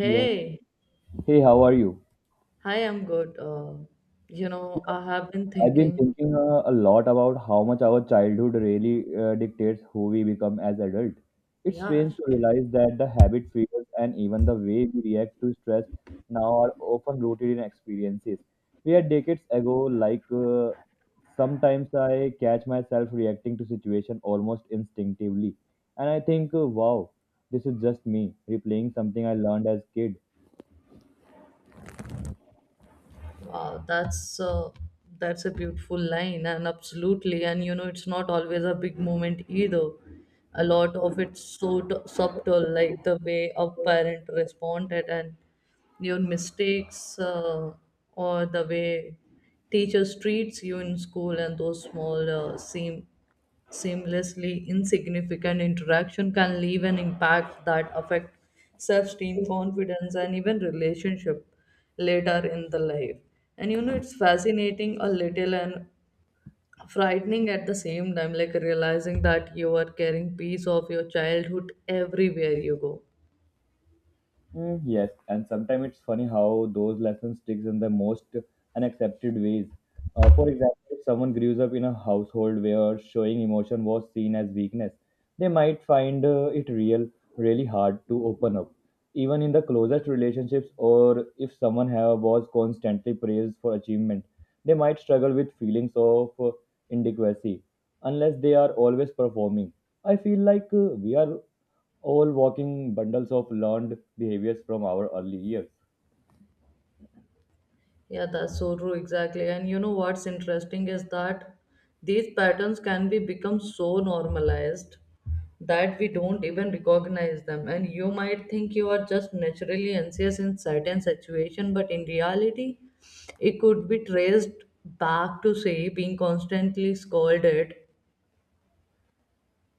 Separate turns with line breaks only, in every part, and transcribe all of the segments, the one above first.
Yeah. Hey, how are you?
hi, I'm good. You
You
know, I have been
I've been
thinking,
thinking a lot about how much our childhood really dictates who we become as adult. It's
yeah,
strange to realize that the habit fears and even the way we react to stress now are often rooted in experiences. We had decades ago, like sometimes I catch myself reacting to situation almost instinctively, and I think, "Wow, this is just me replaying something I learned as kid."
wow, that's that's a beautiful line, and absolutely. And you know, it's not always a big moment either. A lot of it's so subtle, like the way a parent responded, and your mistakes, or the way teachers treats you in school, and those small seem seamlessly insignificant interaction can leave an impact that affect self-esteem, confidence, and even relationship later in the life. And you know, it's fascinating a little and frightening at the same time, like realizing that you are carrying piece of your childhood everywhere you go.
Mm, yes, and sometimes it's funny how those lessons sticks in the most unaccepted ways. For example, if someone grows up in a household where showing emotion was seen as weakness, they might find it really hard to open up. Even in the closest relationships, or if someone have, was constantly praised for achievement, they might struggle with feelings of inadequacy unless they are always performing. I feel like we are all walking bundles of learned behaviors from our early years.
Yeah, that's so true, exactly. And you know what's interesting is that these patterns can be become so normalized that we don't even recognize them. And you might think you are just naturally anxious in certain situation, but in reality, it could be traced back to, say, being constantly scolded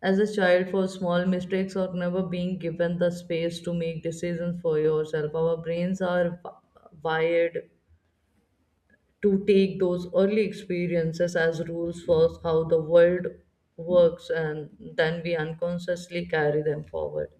as a child for small mistakes, or never being given the space to make decisions for yourself. Our brains are wired to take those early experiences as rules for how the world works, and then we unconsciously carry them forward.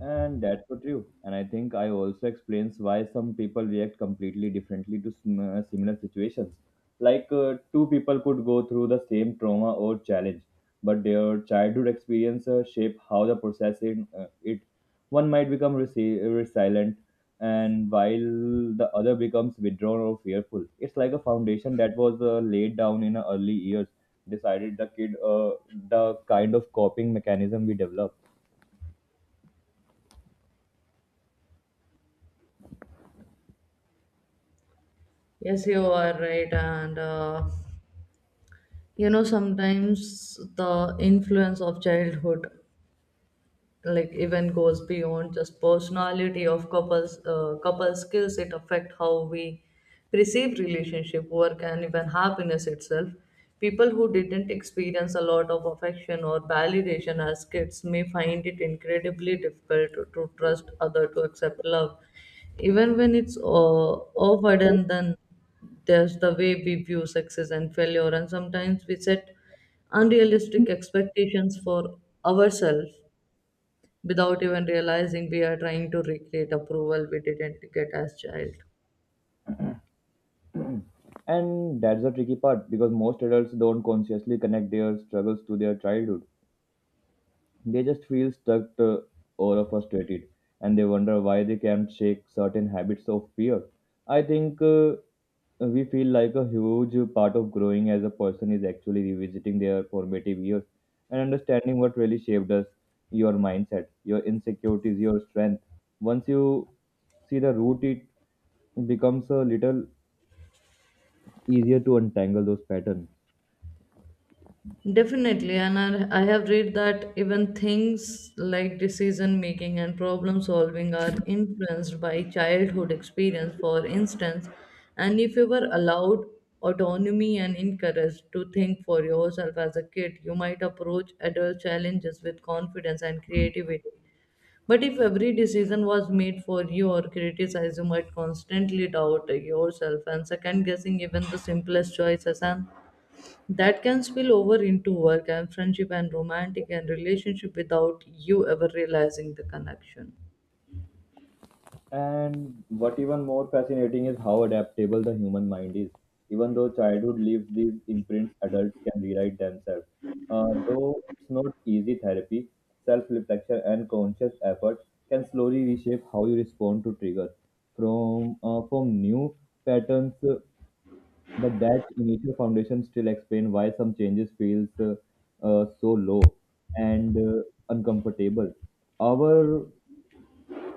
And that's so true. And I think I also explains why some people react completely differently to similar situations. Like two people could go through the same trauma or challenge, but their childhood experience shape how they process it. One might become resilient, and while the other becomes withdrawn or fearful. It's like a foundation that was laid down in early years, decided the kind of coping mechanism we develop.
Yes, you are right, and you know, sometimes the influence of childhood like even goes beyond just personality of couples, couple skills. It affect how we perceive relationship, work, and even happiness itself. People who didn't experience a lot of affection or validation as kids may find it incredibly difficult to trust other, to accept love, even when it's offered. And then there's the way we view success and failure, and sometimes we set unrealistic expectations for ourselves without even realizing we are trying to recreate approval we didn't get as child.
And that's the tricky part because most adults don't consciously connect their struggles to their childhood. They just feel stuck or frustrated and they wonder why they can't shake certain habits of fear. I think we feel like a huge part of growing as a person is actually revisiting their formative years and understanding what really shaped us, your mindset, your insecurities, your strength. Once you see the root, it becomes a little easier to untangle those patterns.
Definitely, and I have read that even things like decision making and problem solving are influenced by childhood experience. For instance, and if you were allowed autonomy and encouraged to think for yourself as a kid, you might approach adult challenges with confidence and creativity. But if every decision was made for you, or criticized, you might constantly doubt yourself and second guessing even the simplest choices, and that can spill over into work and friendship and romantic and relationship without you ever realizing the connection.
And what even more fascinating is how adaptable the human mind is. Even though childhood leaves these imprints, adults can rewrite themselves. Though it's not easy therapy, self reflection and conscious effort can slowly reshape how you respond to triggers from new patterns. But that initial foundation still explains why some changes feels so low and uncomfortable. Our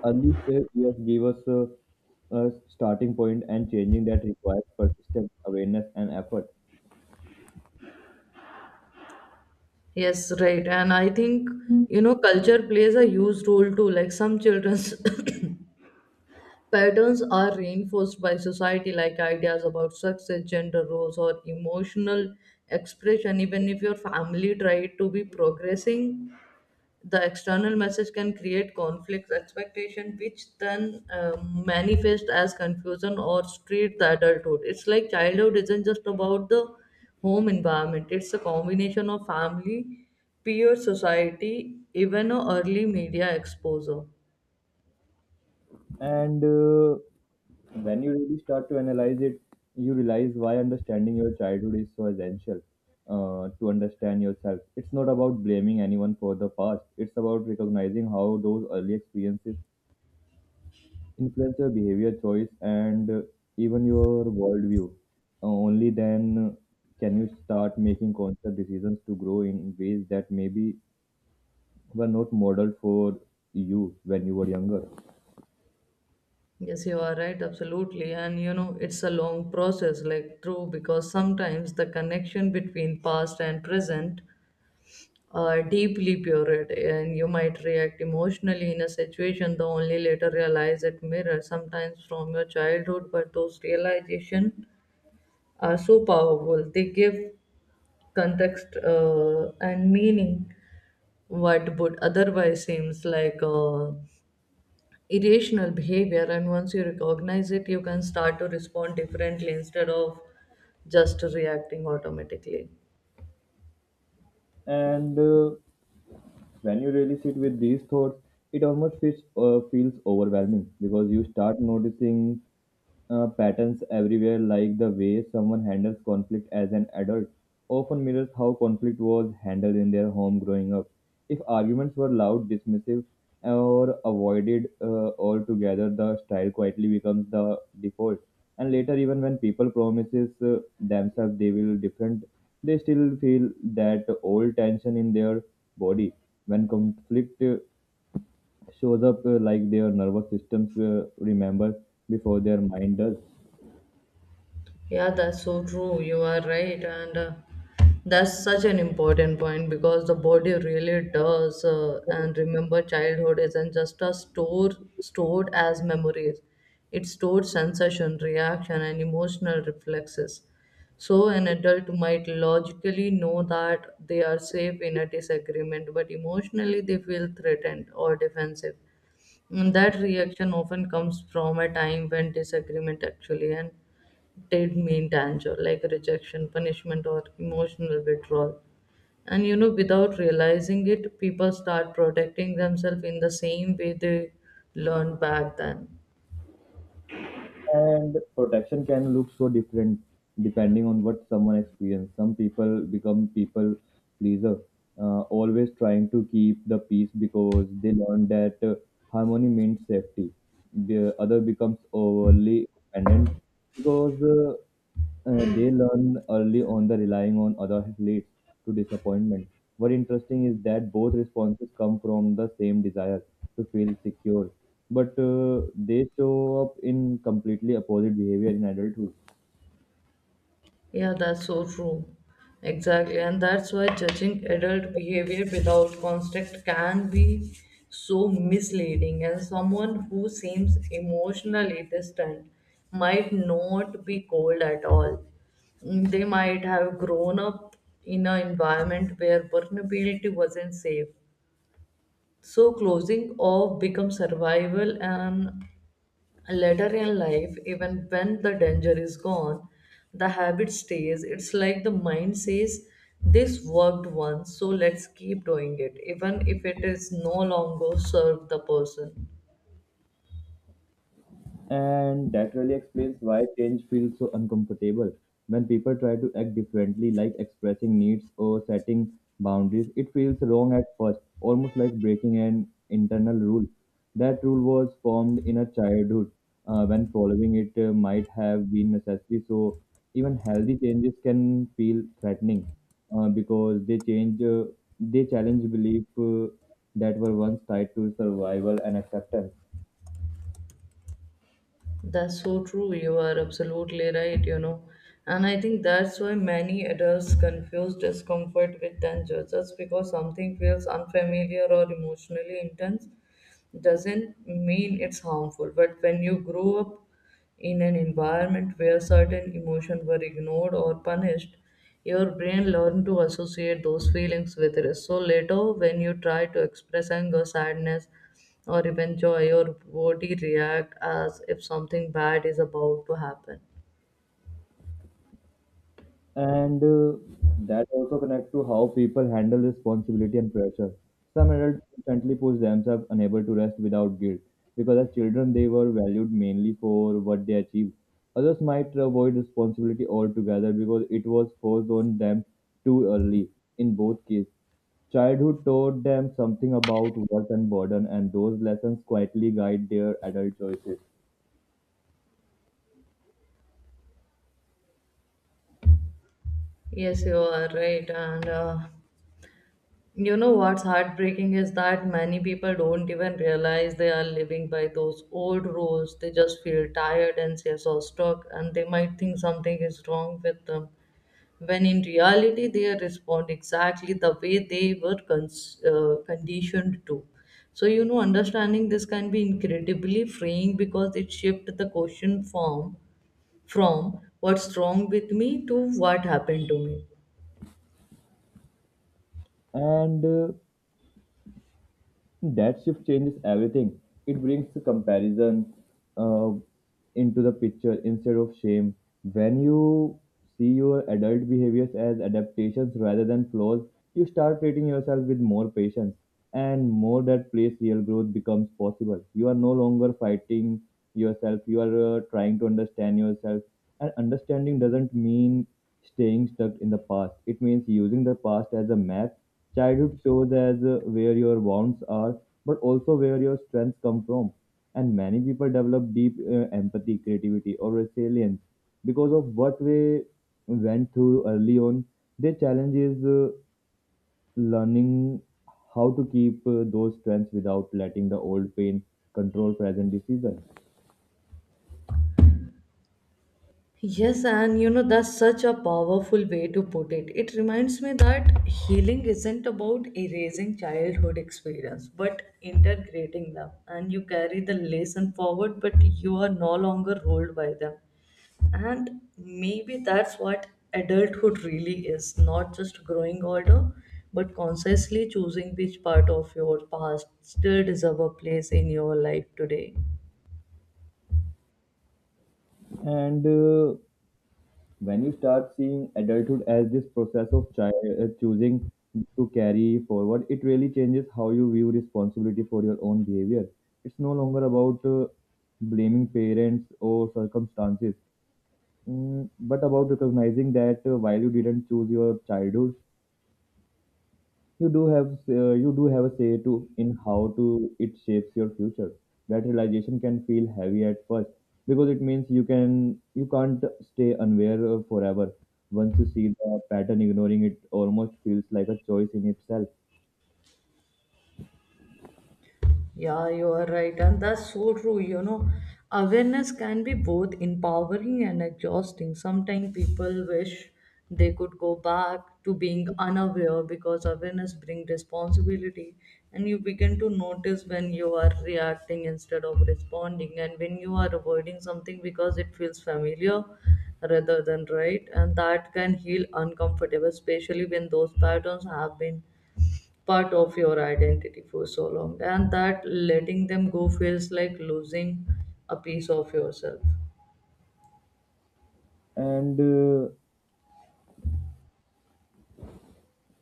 Early years gave us a starting point, and changing that requires persistence, awareness, and effort.
Yes, right. And I think, you know, culture plays a huge role too. Like some children patterns are reinforced by society, like ideas about success, gender roles, or emotional expression. Even if your family tried to be progressing, the external message can create conflicts, expectation, which then manifest as confusion or street the adulthood. It's like childhood isn't just about the home environment; it's a combination of family, peer society, even a early media exposure.
And when you really start to analyze it, you realize why understanding your childhood is so essential to understand yourself. It's not about blaming anyone for the past, it's about recognizing how those early experiences influence your behavior choice and even your worldview. Only then can you start making conscious decisions to grow in ways that maybe were not modeled for you when you were younger.
Yes, you are right, absolutely. And you know, it's a long process, like true, because sometimes the connection between past and present are deeply buried, and you might react emotionally in a situation, the only later realize it mirrors sometimes from your childhood. But those realization are so powerful; they give context and meaning what would otherwise seems like. Irrational behavior, and once you recognize it, you can start to respond differently instead of just reacting automatically.
And uh, when you really sit with these thoughts it almost feels, feels overwhelming because you start noticing patterns everywhere, like the way someone handles conflict as an adult, often mirrors how conflict was handled in their home growing up. If arguments were loud, dismissive, or avoided altogether, the style quietly becomes the default. And later, even when people promises themselves they will different, they still feel that old tension in their body. When conflict shows up, like their nervous systems remember before their mind does.
Yeah, that's so true. You are right, and that's such an important point because the body really does. And remember, childhood isn't just a stored as memories; it stores sensation, reaction, and emotional reflexes. So, an adult might logically know that they are safe in a disagreement, but emotionally they feel threatened or defensive. And that reaction often comes from a time when disagreement actually and did mean danger, like rejection, punishment, or emotional withdrawal. And you know, without realizing it, people start protecting themselves in the same way they learned back then.
And protection can look so different depending on what someone experiences. Some people become people pleaser, always trying to keep the peace because they learn that harmony means safety. The other becomes overly independent because they learn early on the relying on other leads to disappointment. What interesting is that both responses come from the same desire to feel secure, but they show up in completely opposite behavior in adulthood.
Yeah, that's so true. Exactly. And that's why judging adult behavior without context can be so misleading. And someone who seems emotionally distant might not be cold at all. Mm, they might have grown up in an environment where vulnerability wasn't safe. So closing off becomes survival, and later in life, even when the danger is gone, the habit stays. It's like the mind says, this worked once, so let's keep doing it, even if it is no longer serve the person.
And that really explains why change feels so uncomfortable. When people try to act differently, like expressing needs or setting boundaries, it feels wrong at first, almost like breaking an internal rule. That rule was formed in a childhood when following it might have been necessary. So, even healthy changes can feel threatening because they challenge belief that were once tied to survival and acceptance.
That's so true, you are absolutely right. You know, and I think that's why many adults confuse discomfort with danger. Just because something feels unfamiliar or emotionally intense doesn't mean it's harmful. But when you grow up in an environment where certain emotions were ignored or punished, your brain learned to associate those feelings with risk. So later, when you try to express anger, sadness, or even joy, your body react as if something bad is about to happen.
And that also connects to how people handle responsibility and pressure. Some adults constantly push themselves, unable to rest without guilt, because as children they were valued mainly for what they achieved. Others might avoid responsibility altogether because it was forced on them too early. In both cases, childhood taught them something about work and burden, and those lessons quietly guide their adult choices.
Yes, you are right, and you know what's heartbreaking is that many people don't even realize they are living by those old rules. They just feel tired and say so stuck, and they might think something is wrong with them. When in reality, they respond exactly the way they were conditioned to. So, you know, understanding this can be incredibly freeing because it shifts the question form from what's wrong with me to what happened to me.
And That shift changes everything. It brings the comparison uh, into the picture instead of shame. When you see your adult behaviors as adaptations rather than flaws, you start treating yourself with more patience and more that place real growth becomes possible. You are no longer fighting yourself, you are trying to understand yourself. And understanding doesn't mean staying stuck in the past, it means using the past as a map. Childhood shows us where your wounds are, but also where your strengths come from. And many people develop deep empathy, creativity, or resilience because of what we went through early on. Their challenge is learning how to keep those strengths without letting the old pain control present decisions.
Yes, and you know, that's such a powerful way to put it. It reminds me that healing isn't about erasing childhood experience, but integrating them. And you carry the lesson forward, but you are no longer ruled by them. And maybe that's what adulthood really is, not just growing older, but consciously choosing which part of your past still deserve a place in your life today.
And When you start seeing adulthood as this process of choosing to carry forward, it really changes how you view responsibility for your own behavior. It's no longer about blaming parents or circumstances, mm, but about recognizing that while you didn't choose your childhood, you do have you do have a say to in how to it shapes your future. That realization can feel heavy at first because it means you can't stay unaware forever. Once you see the pattern ignoring it almost feels like a choice in itself.
Yeah, you are right, and that's so true. You know, awareness can be both empowering and exhausting. Sometimes people wish they could go back to being unaware because awareness brings responsibility, and you begin to notice when you are reacting instead of responding, and when you are avoiding something because it feels familiar rather than right, and that can heal uncomfortable, especially when those patterns have been part of your identity for so long, and that letting them go feels like losing a piece of yourself.
and uh,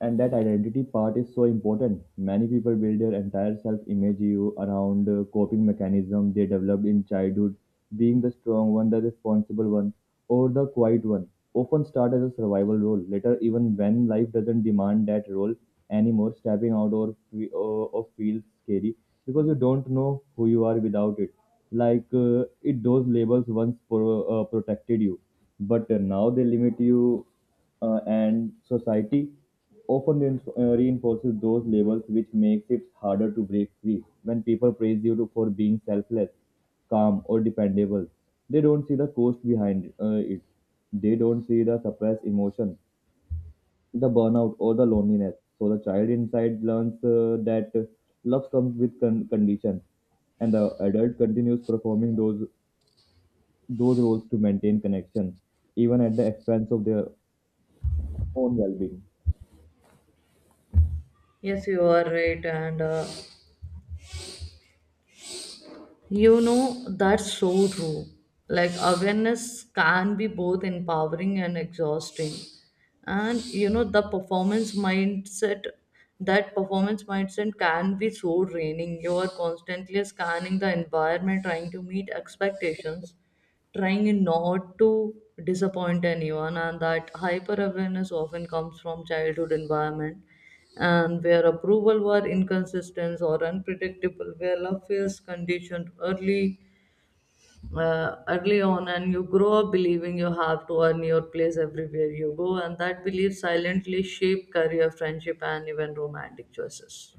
And that identity part is so important. Many people build their entire self image you around coping mechanism they developed in childhood, being the strong one, the responsible one, or the quiet one. Often start as a survival role. Later, even when life doesn't demand that role anymore, stepping out or, fe- or feels scary because you don't know who you are without it. Those labels once protected you, but now they limit you, and society often reinforces those labels, which makes it harder to break free. When people praise you for being selfless, calm or dependable, they don't see the cost behind it. They don't see the suppressed emotion, the burnout or the loneliness. So the child inside learns that love comes with condition, and the adult continues performing those roles to maintain connection even at the expense of their own well-being.
Yes, you are right, and you know, that's so true. Like, awareness can be both empowering and exhausting. And, you know, that performance mindset can be so draining. You are constantly scanning the environment, trying to meet expectations, trying not to disappoint anyone. And that hyper awareness often comes from childhood environment and where approval were inconsistent or unpredictable, where love feels conditioned early, early on, and you grow up believing you have to earn your place everywhere you go, and that belief silently shape career, friendship, and even romantic choices.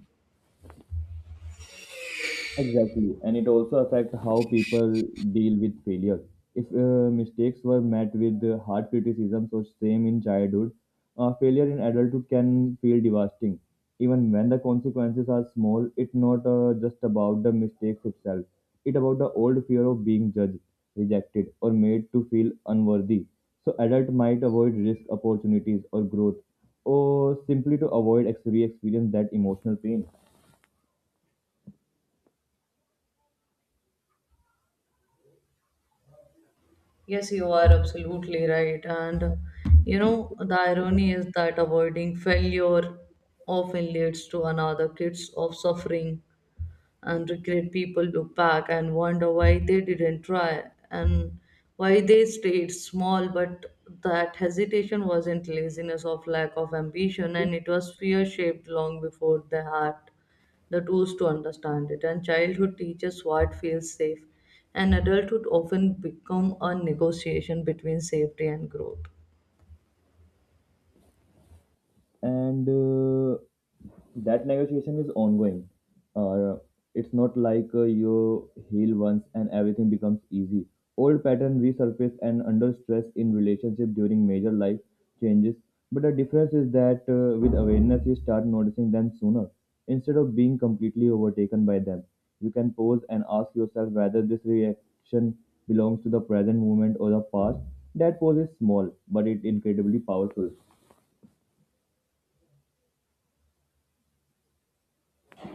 Exactly, and it also affects how people deal with failure. If mistakes were met with hard criticisms or shame in childhood, failure in adulthood can feel devastating. Even when the consequences are small, it's not just about the mistakes itself. It's about the old fear of being judged, rejected, or made to feel unworthy. So adult might avoid risk opportunities or growth, or simply to avoid re-experience that emotional pain.
Yes, you are absolutely right, and you know, the irony is that avoiding failure often leads to another kids of suffering and regret. People look back and wonder why they didn't try, and why they stayed small. But that hesitation wasn't laziness of lack of ambition, and it was fear shaped long before the heart the tools to understand it. And childhood teaches what feels safe, and adulthood often become a negotiation between safety and growth.
And that negotiation is ongoing. Uh, it's not like you heal once and everything becomes easy. Old patterns resurface and under stress in relationship during major life changes. But the difference is that with awareness, you start noticing them sooner. Instead of being completely overtaken by them, you can pause and ask yourself whether this reaction belongs to the present moment or the past. That pause is small, but it's incredibly powerful.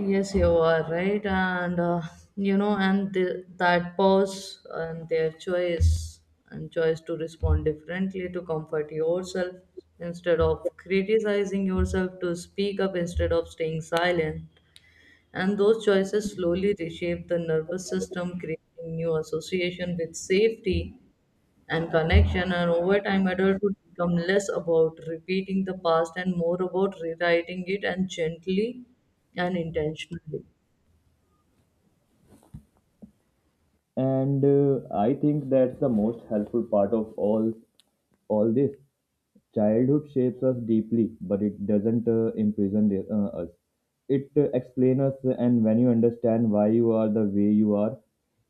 Yes, you are right, and you know, and that pause and their choice and choice to respond differently, to comfort yourself instead of criticizing yourself, to speak up instead of staying silent, and those choices slowly reshape the nervous system, creating new association with safety and connection. And over time, adulthood become less about repeating the past and more about rewriting it, and gently and intentionally.
And I think that's the most helpful part of all this. Childhood shapes us deeply, but it doesn't us. It explains us. And when you understand why you are the way you are,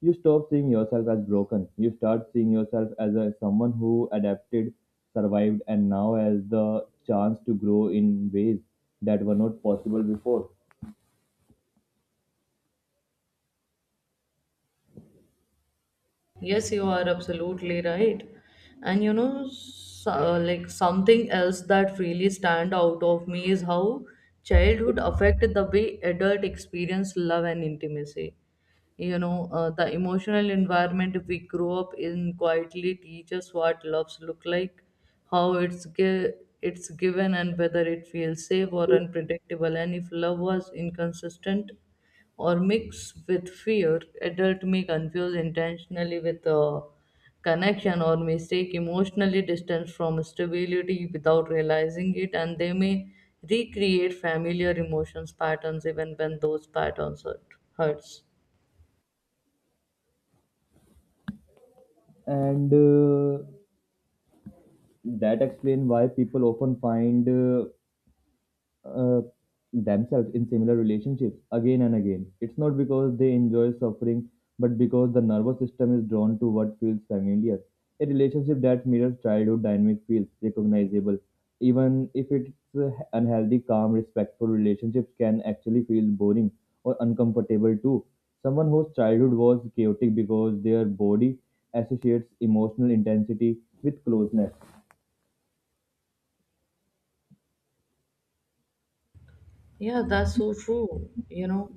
you stop seeing yourself as broken. You start seeing yourself as someone who adapted, survived, and now has the chance to grow in ways that were not possible before.
Yes, you are absolutely right. And you know, so, like, something else that really stand out of me is how childhood affected the way adult experience love and intimacy. You know, the emotional environment we grow up in quietly teaches what loves look like, how it's given, and whether it feels safe or unpredictable. And if love was inconsistent or mix with fear, adult may confuse intentionally with a connection, or mistake emotionally distance from stability, without realizing it. And they may recreate familiar emotions patterns even when those patterns hurts.
And uh, that explains why people often find uh, themselves in similar relationships again and again. It's not because they enjoy suffering, but because the nervous system is drawn to what feels familiar. A relationship that mirrors childhood dynamic feels recognizable. Even if it's unhealthy, calm, respectful relationships can actually feel boring or uncomfortable too. Someone whose childhood was chaotic because their body associates emotional intensity with closeness.
Yeah, that's so true, you know.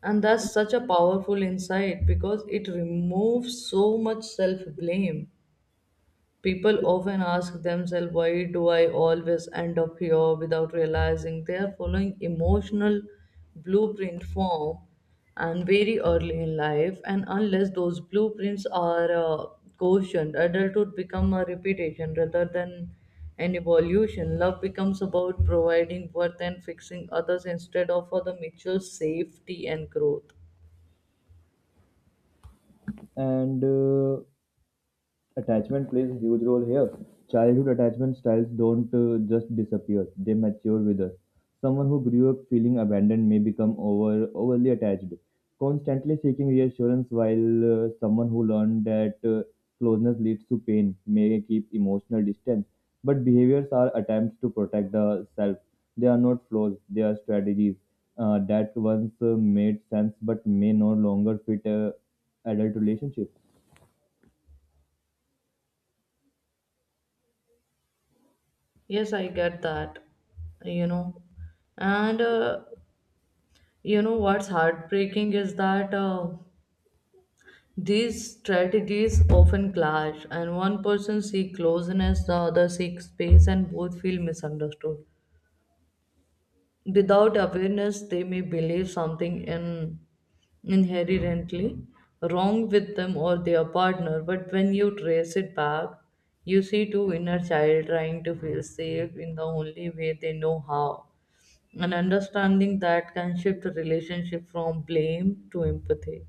And that's such a powerful insight because it removes so much self blame. People often ask themselves, why do I always end up here, without realizing they are following emotional blueprint form and very early in life. And unless those blueprints are cautioned, adulthood becomes a repetition rather than an evolution. Love becomes about providing worth and fixing others instead of for the mutual safety and growth.
And Attachment plays a huge role here. Childhood attachment styles don't just disappear, they mature with us. Someone who grew up feeling abandoned may become overly attached, constantly seeking reassurance, while someone who learned that closeness leads to pain may keep emotional distance. But behaviors are attempts to protect the self. They are not flaws, they are strategies that once made sense but may no longer fit adult relationships.
Yes, I get that, you know. And you know what's heartbreaking is that these strategies often clash, and one person seeks closeness, the other seeks space, and both feel misunderstood. Without awareness, they may believe inherently wrong with them or their partner, but when you trace it back, you see two inner child trying to feel safe in the only way they know how. An understanding that can shift a relationship from blame to empathy.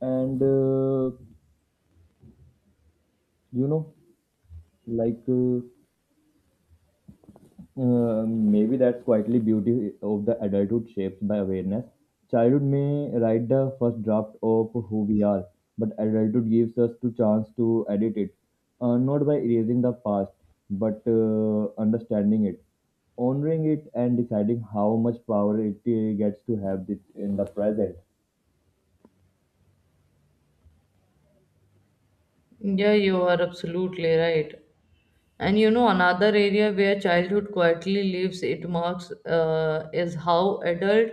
And you know like Maybe that's quietly beauty of the adulthood shapes by awareness. Childhood may write the first draft of who we are, but adulthood gives us the chance to edit it, not by erasing the past but understanding it, honoring it, and deciding how much power it gets to have it in the present.
Yeah, you are absolutely right. And you know, another area where childhood quietly leaves its marks is how adult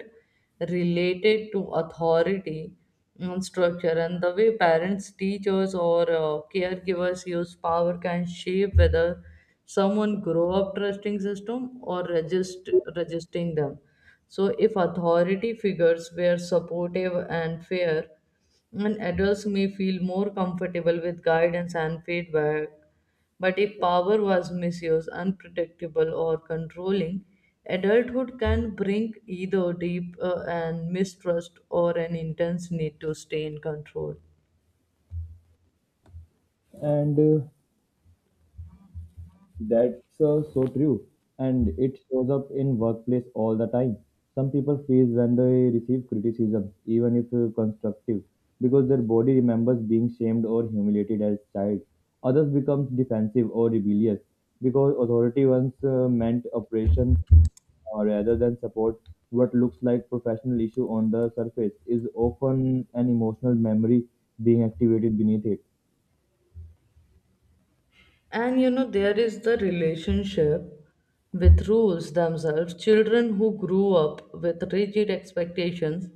related to authority and structure, and the way parents, teachers, or caregivers use power can shape whether someone grow up trusting system or resisting them. So, if authority figures were supportive and fair, and adults may feel more comfortable with guidance and feedback, but if power was misused, unpredictable, or controlling, adulthood can bring either deep and mistrust or an intense need to stay in control.
And uh, That's uh, so true. And it shows up in workplace all the time. Some people freeze when they receive criticism, even if constructive, because their body remembers being shamed or humiliated as child. Others become defensive or rebellious because authority once meant oppression rather than support. What looks like professional issue on the surface is often an emotional memory being activated beneath it.
And you know, there is the relationship with rules themselves. Children who grew up with rigid expectations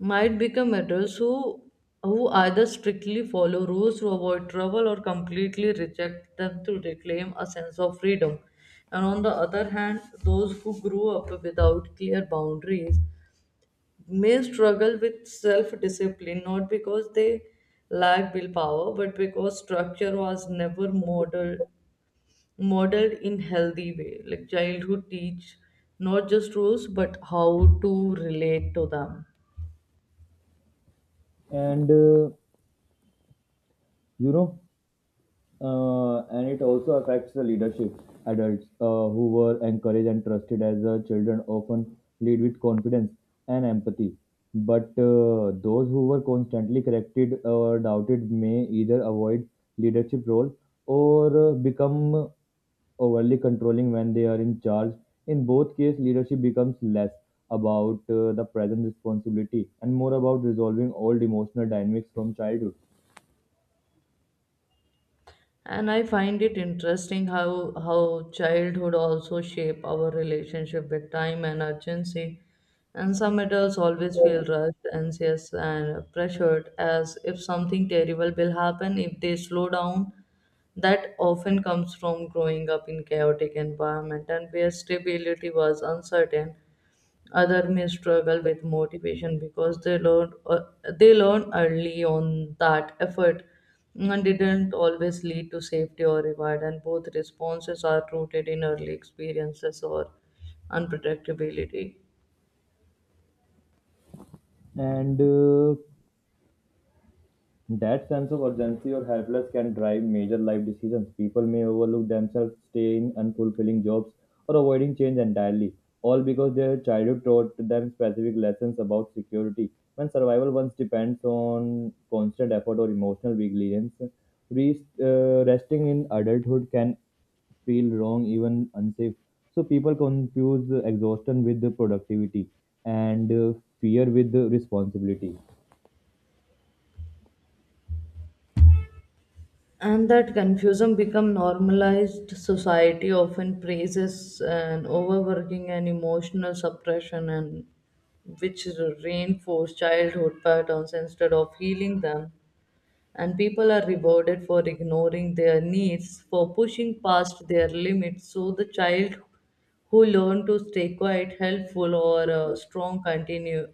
might become adults who either strictly follow rules to avoid trouble or completely reject them to reclaim a sense of freedom. And on the other hand, those who grew up without clear boundaries may struggle with self discipline, not because they lack willpower but because structure was never modeled in healthy way, like childhood teach not just rules but how to relate to them.
And uh, you know, and it also affects the leadership. Adults who were encouraged and trusted as children often lead with confidence and empathy. But those who were constantly corrected or doubted may either avoid leadership role or become overly controlling when they are in charge. In both cases, leadership becomes less about the present responsibility and more about resolving old emotional dynamics from childhood.
And I find it interesting how childhood also shape our relationship with time and urgency, and some adults always feel rushed, anxious, and pressured as if something terrible will happen if they slow down. That often comes from growing up in chaotic environment and where stability was uncertain. Other may struggle with motivation because they learned early on that effort and didn't always lead to safety or reward. And both responses are rooted in early experiences or unpredictability.
And That sense of urgency or helpless can drive major life decisions. People may overlook themselves, stay in unfulfilling jobs, or avoiding change entirely, all because their childhood taught them specific lessons about security. When survival once depends on constant effort or emotional vigilance, resting in adulthood can feel wrong, even unsafe. So people confuse exhaustion with the productivity and fear with the responsibility.
And that confusion become normalized. Society often praises an overworking and emotional suppression, and which reinforce childhood patterns instead of healing them, and people are rewarded for ignoring their needs, for pushing past their limits. So the child who learn to stay quiet, helpful or strong,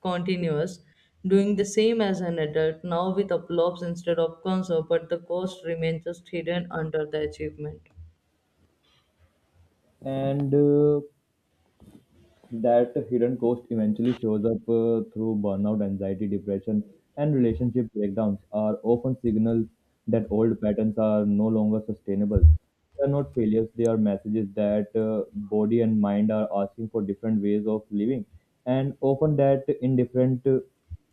continuous, doing the same as an adult now with applause instead of concern, but the cost remains just hidden under the achievement.
And That hidden cost eventually shows up through burnout, anxiety, depression, and relationship breakdowns are often signals that old patterns are no longer sustainable. They are not failures, they are messages that body and mind are asking for different ways of living. And often that in different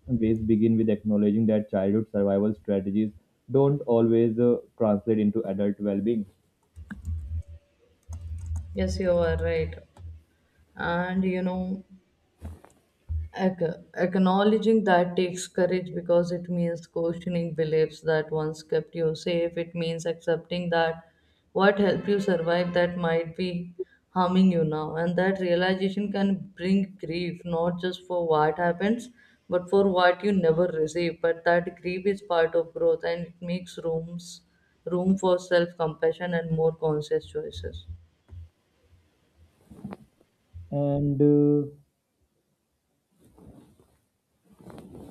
ways begin with acknowledging that childhood survival strategies don't always translate into adult well-being.
Yes, you are right. And you know, acknowledging that takes courage because it means questioning beliefs that once kept you safe. It means accepting that what helped you survive that might be harming you now. And that realization can bring grief, not just for what happens, but for what you never receive. But that grief is part of growth and it makes room for self compassion and more conscious choices.
And uh,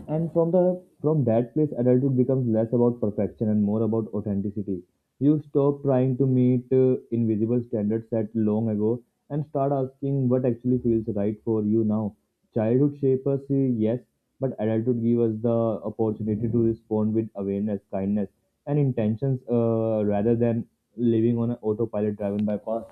And from that place, adulthood becomes less about perfection and more about authenticity. You stop trying to meet invisible standards set long ago and start asking what actually feels right for you now. Childhood shapes us, yes, but adulthood gives us the opportunity to respond with awareness, kindness, and intentions rather than living on an autopilot driven by past.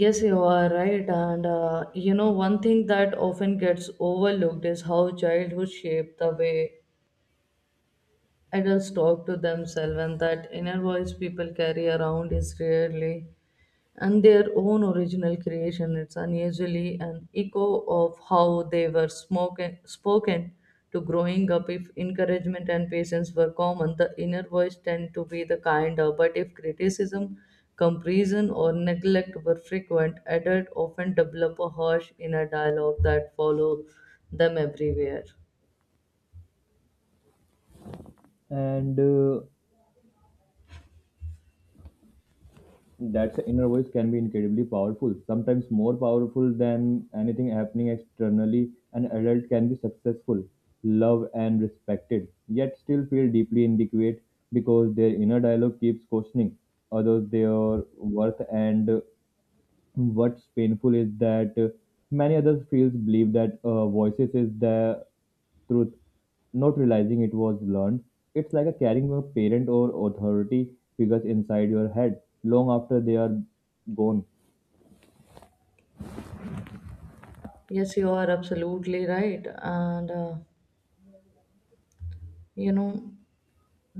Yes, you are right. And you know, one thing that often gets overlooked is how childhood shaped the way adults talk to themselves, and that inner voice people carry around is rarely and their own original creation. It's unusually an echo of how they were spoken to growing up. If encouragement and patience were common, the inner voice tend to be the kinder. But if criticism, comparison, or neglect were frequent, adult often develop a harsh inner dialogue that follow them everywhere.
And That inner voice can be incredibly powerful, sometimes more powerful than anything happening externally. An adult can be successful, loved, and respected, yet still feel deeply inadequate because their inner dialogue keeps questioning others, their worth, and what's painful is that many other fields believe that voices is the truth, not realizing it was learned. It's like a carrying a parent or authority figures inside your head long after they are gone.
Yes, you are absolutely right, and you know.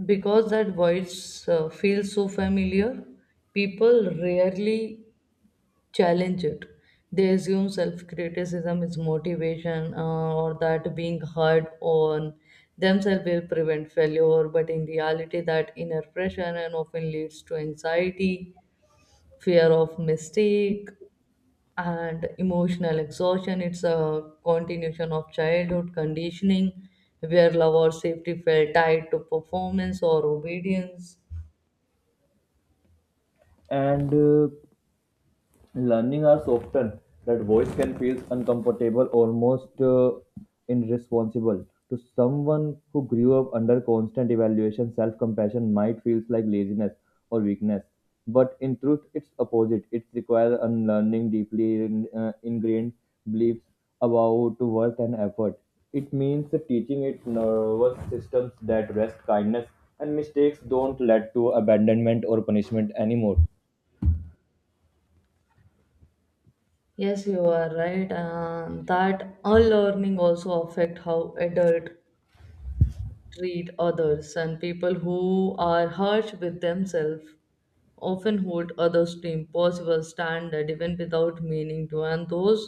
Because that voice feels so familiar, people rarely challenge it. They assume self criticism is motivation or that being hard on themselves will prevent failure, but in reality, that inner pressure and often leads to anxiety, fear of mistake, and emotional exhaustion. It's a continuation of childhood conditioning where love or safety felt tied to performance or obedience.
And uh, Learning are so often that voice can feel uncomfortable, almost irresponsible. To someone who grew up under constant evaluation, self compassion might feel like laziness or weakness. But in truth, it's opposite. It requires unlearning deeply ingrained beliefs about worth and effort. It means teaching its nervous systems that rest, kindness, and mistakes don't lead to abandonment or punishment anymore.
Yes, you are right, and that unlearning also affect how adults treat others. And people who are harsh with themselves often hold others to impossible standard even without meaning to, and those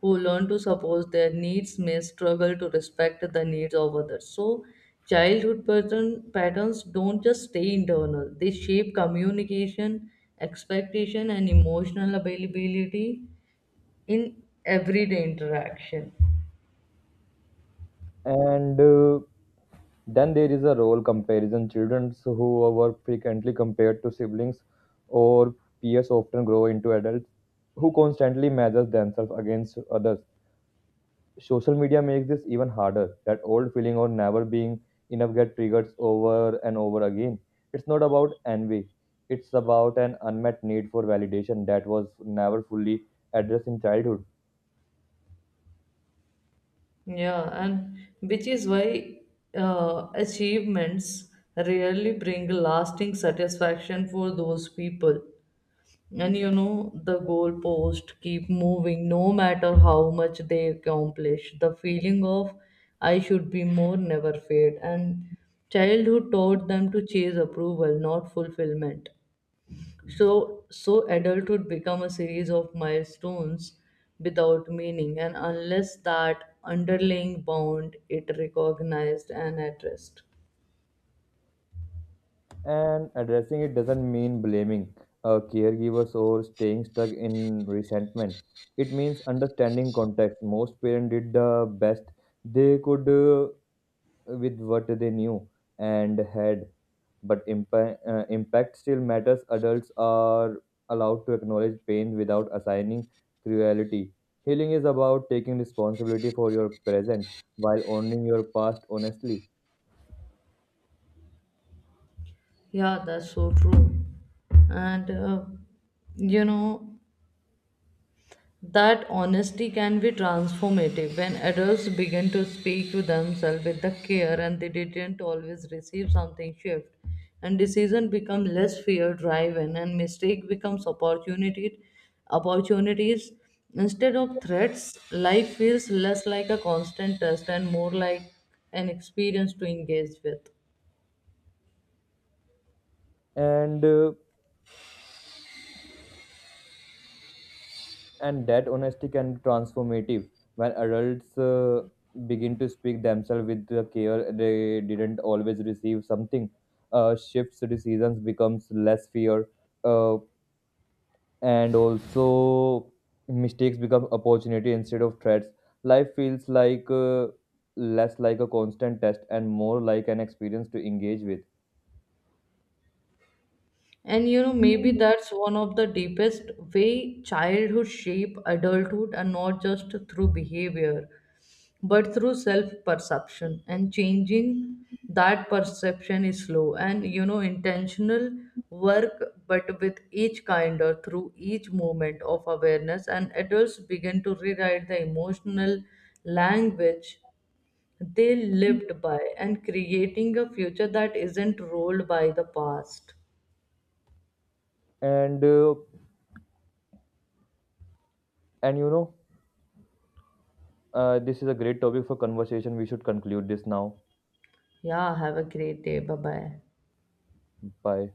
who learn to suppose their needs may struggle to respect the needs of others. So patterns don't just stay internal, they shape communication, expectation, and emotional availability in everyday interaction.
And Then there is a role comparison. Children who were frequently compared to siblings or peers often grow into adults who constantly measure themselves against others. Social media makes this even harder. That old feeling of never being enough get triggered over and over again. It's not about envy. It's about an unmet need for validation that was never fully addressed in childhood.
Yeah, and which is why achievements rarely bring lasting satisfaction for those people. And you know, the goalposts keep moving no matter how much they accomplish. The feeling of I should be more never fade. And childhood taught them to chase approval, not fulfillment. So adulthood become a series of milestones without meaning, and unless that underlying bond it recognized and addressed.
And addressing it doesn't mean blaming caregivers or staying stuck in resentment. It means understanding context. Most parents did the best they could with what they knew and had, but impact still matters. Adults are allowed to acknowledge pain without assigning cruelty. Healing is about taking responsibility for your present while owning your past honestly.
Yeah, that's so true. And you know, that honesty can be transformative when adults begin to speak to themselves with the care and they didn't always receive something shift, and decision become less fear driven and mistake becomes opportunity opportunities instead of threats. Life feels less like a constant test and more like an experience to engage with.
And uh, And that honesty can be transformative when adults begin to speak themselves with the care they didn't always receive something. Shifts decisions becomes less fear, uh, and also mistakes become opportunity instead of threats. Life feels like less like a constant test and more like an experience to engage with.
And you know, maybe that's one of the deepest way childhood shape adulthood, and not just through behavior, but through self-perception. And changing that perception is slow and you know intentional work, but with each kind or through each moment of awareness, and adults begin to rewrite the emotional language they lived by and creating a future that isn't ruled by the past.
And uh, and you know, this is a great topic for conversation. We should conclude this now.
Yeah, have a great day. Bye bye.
Bye.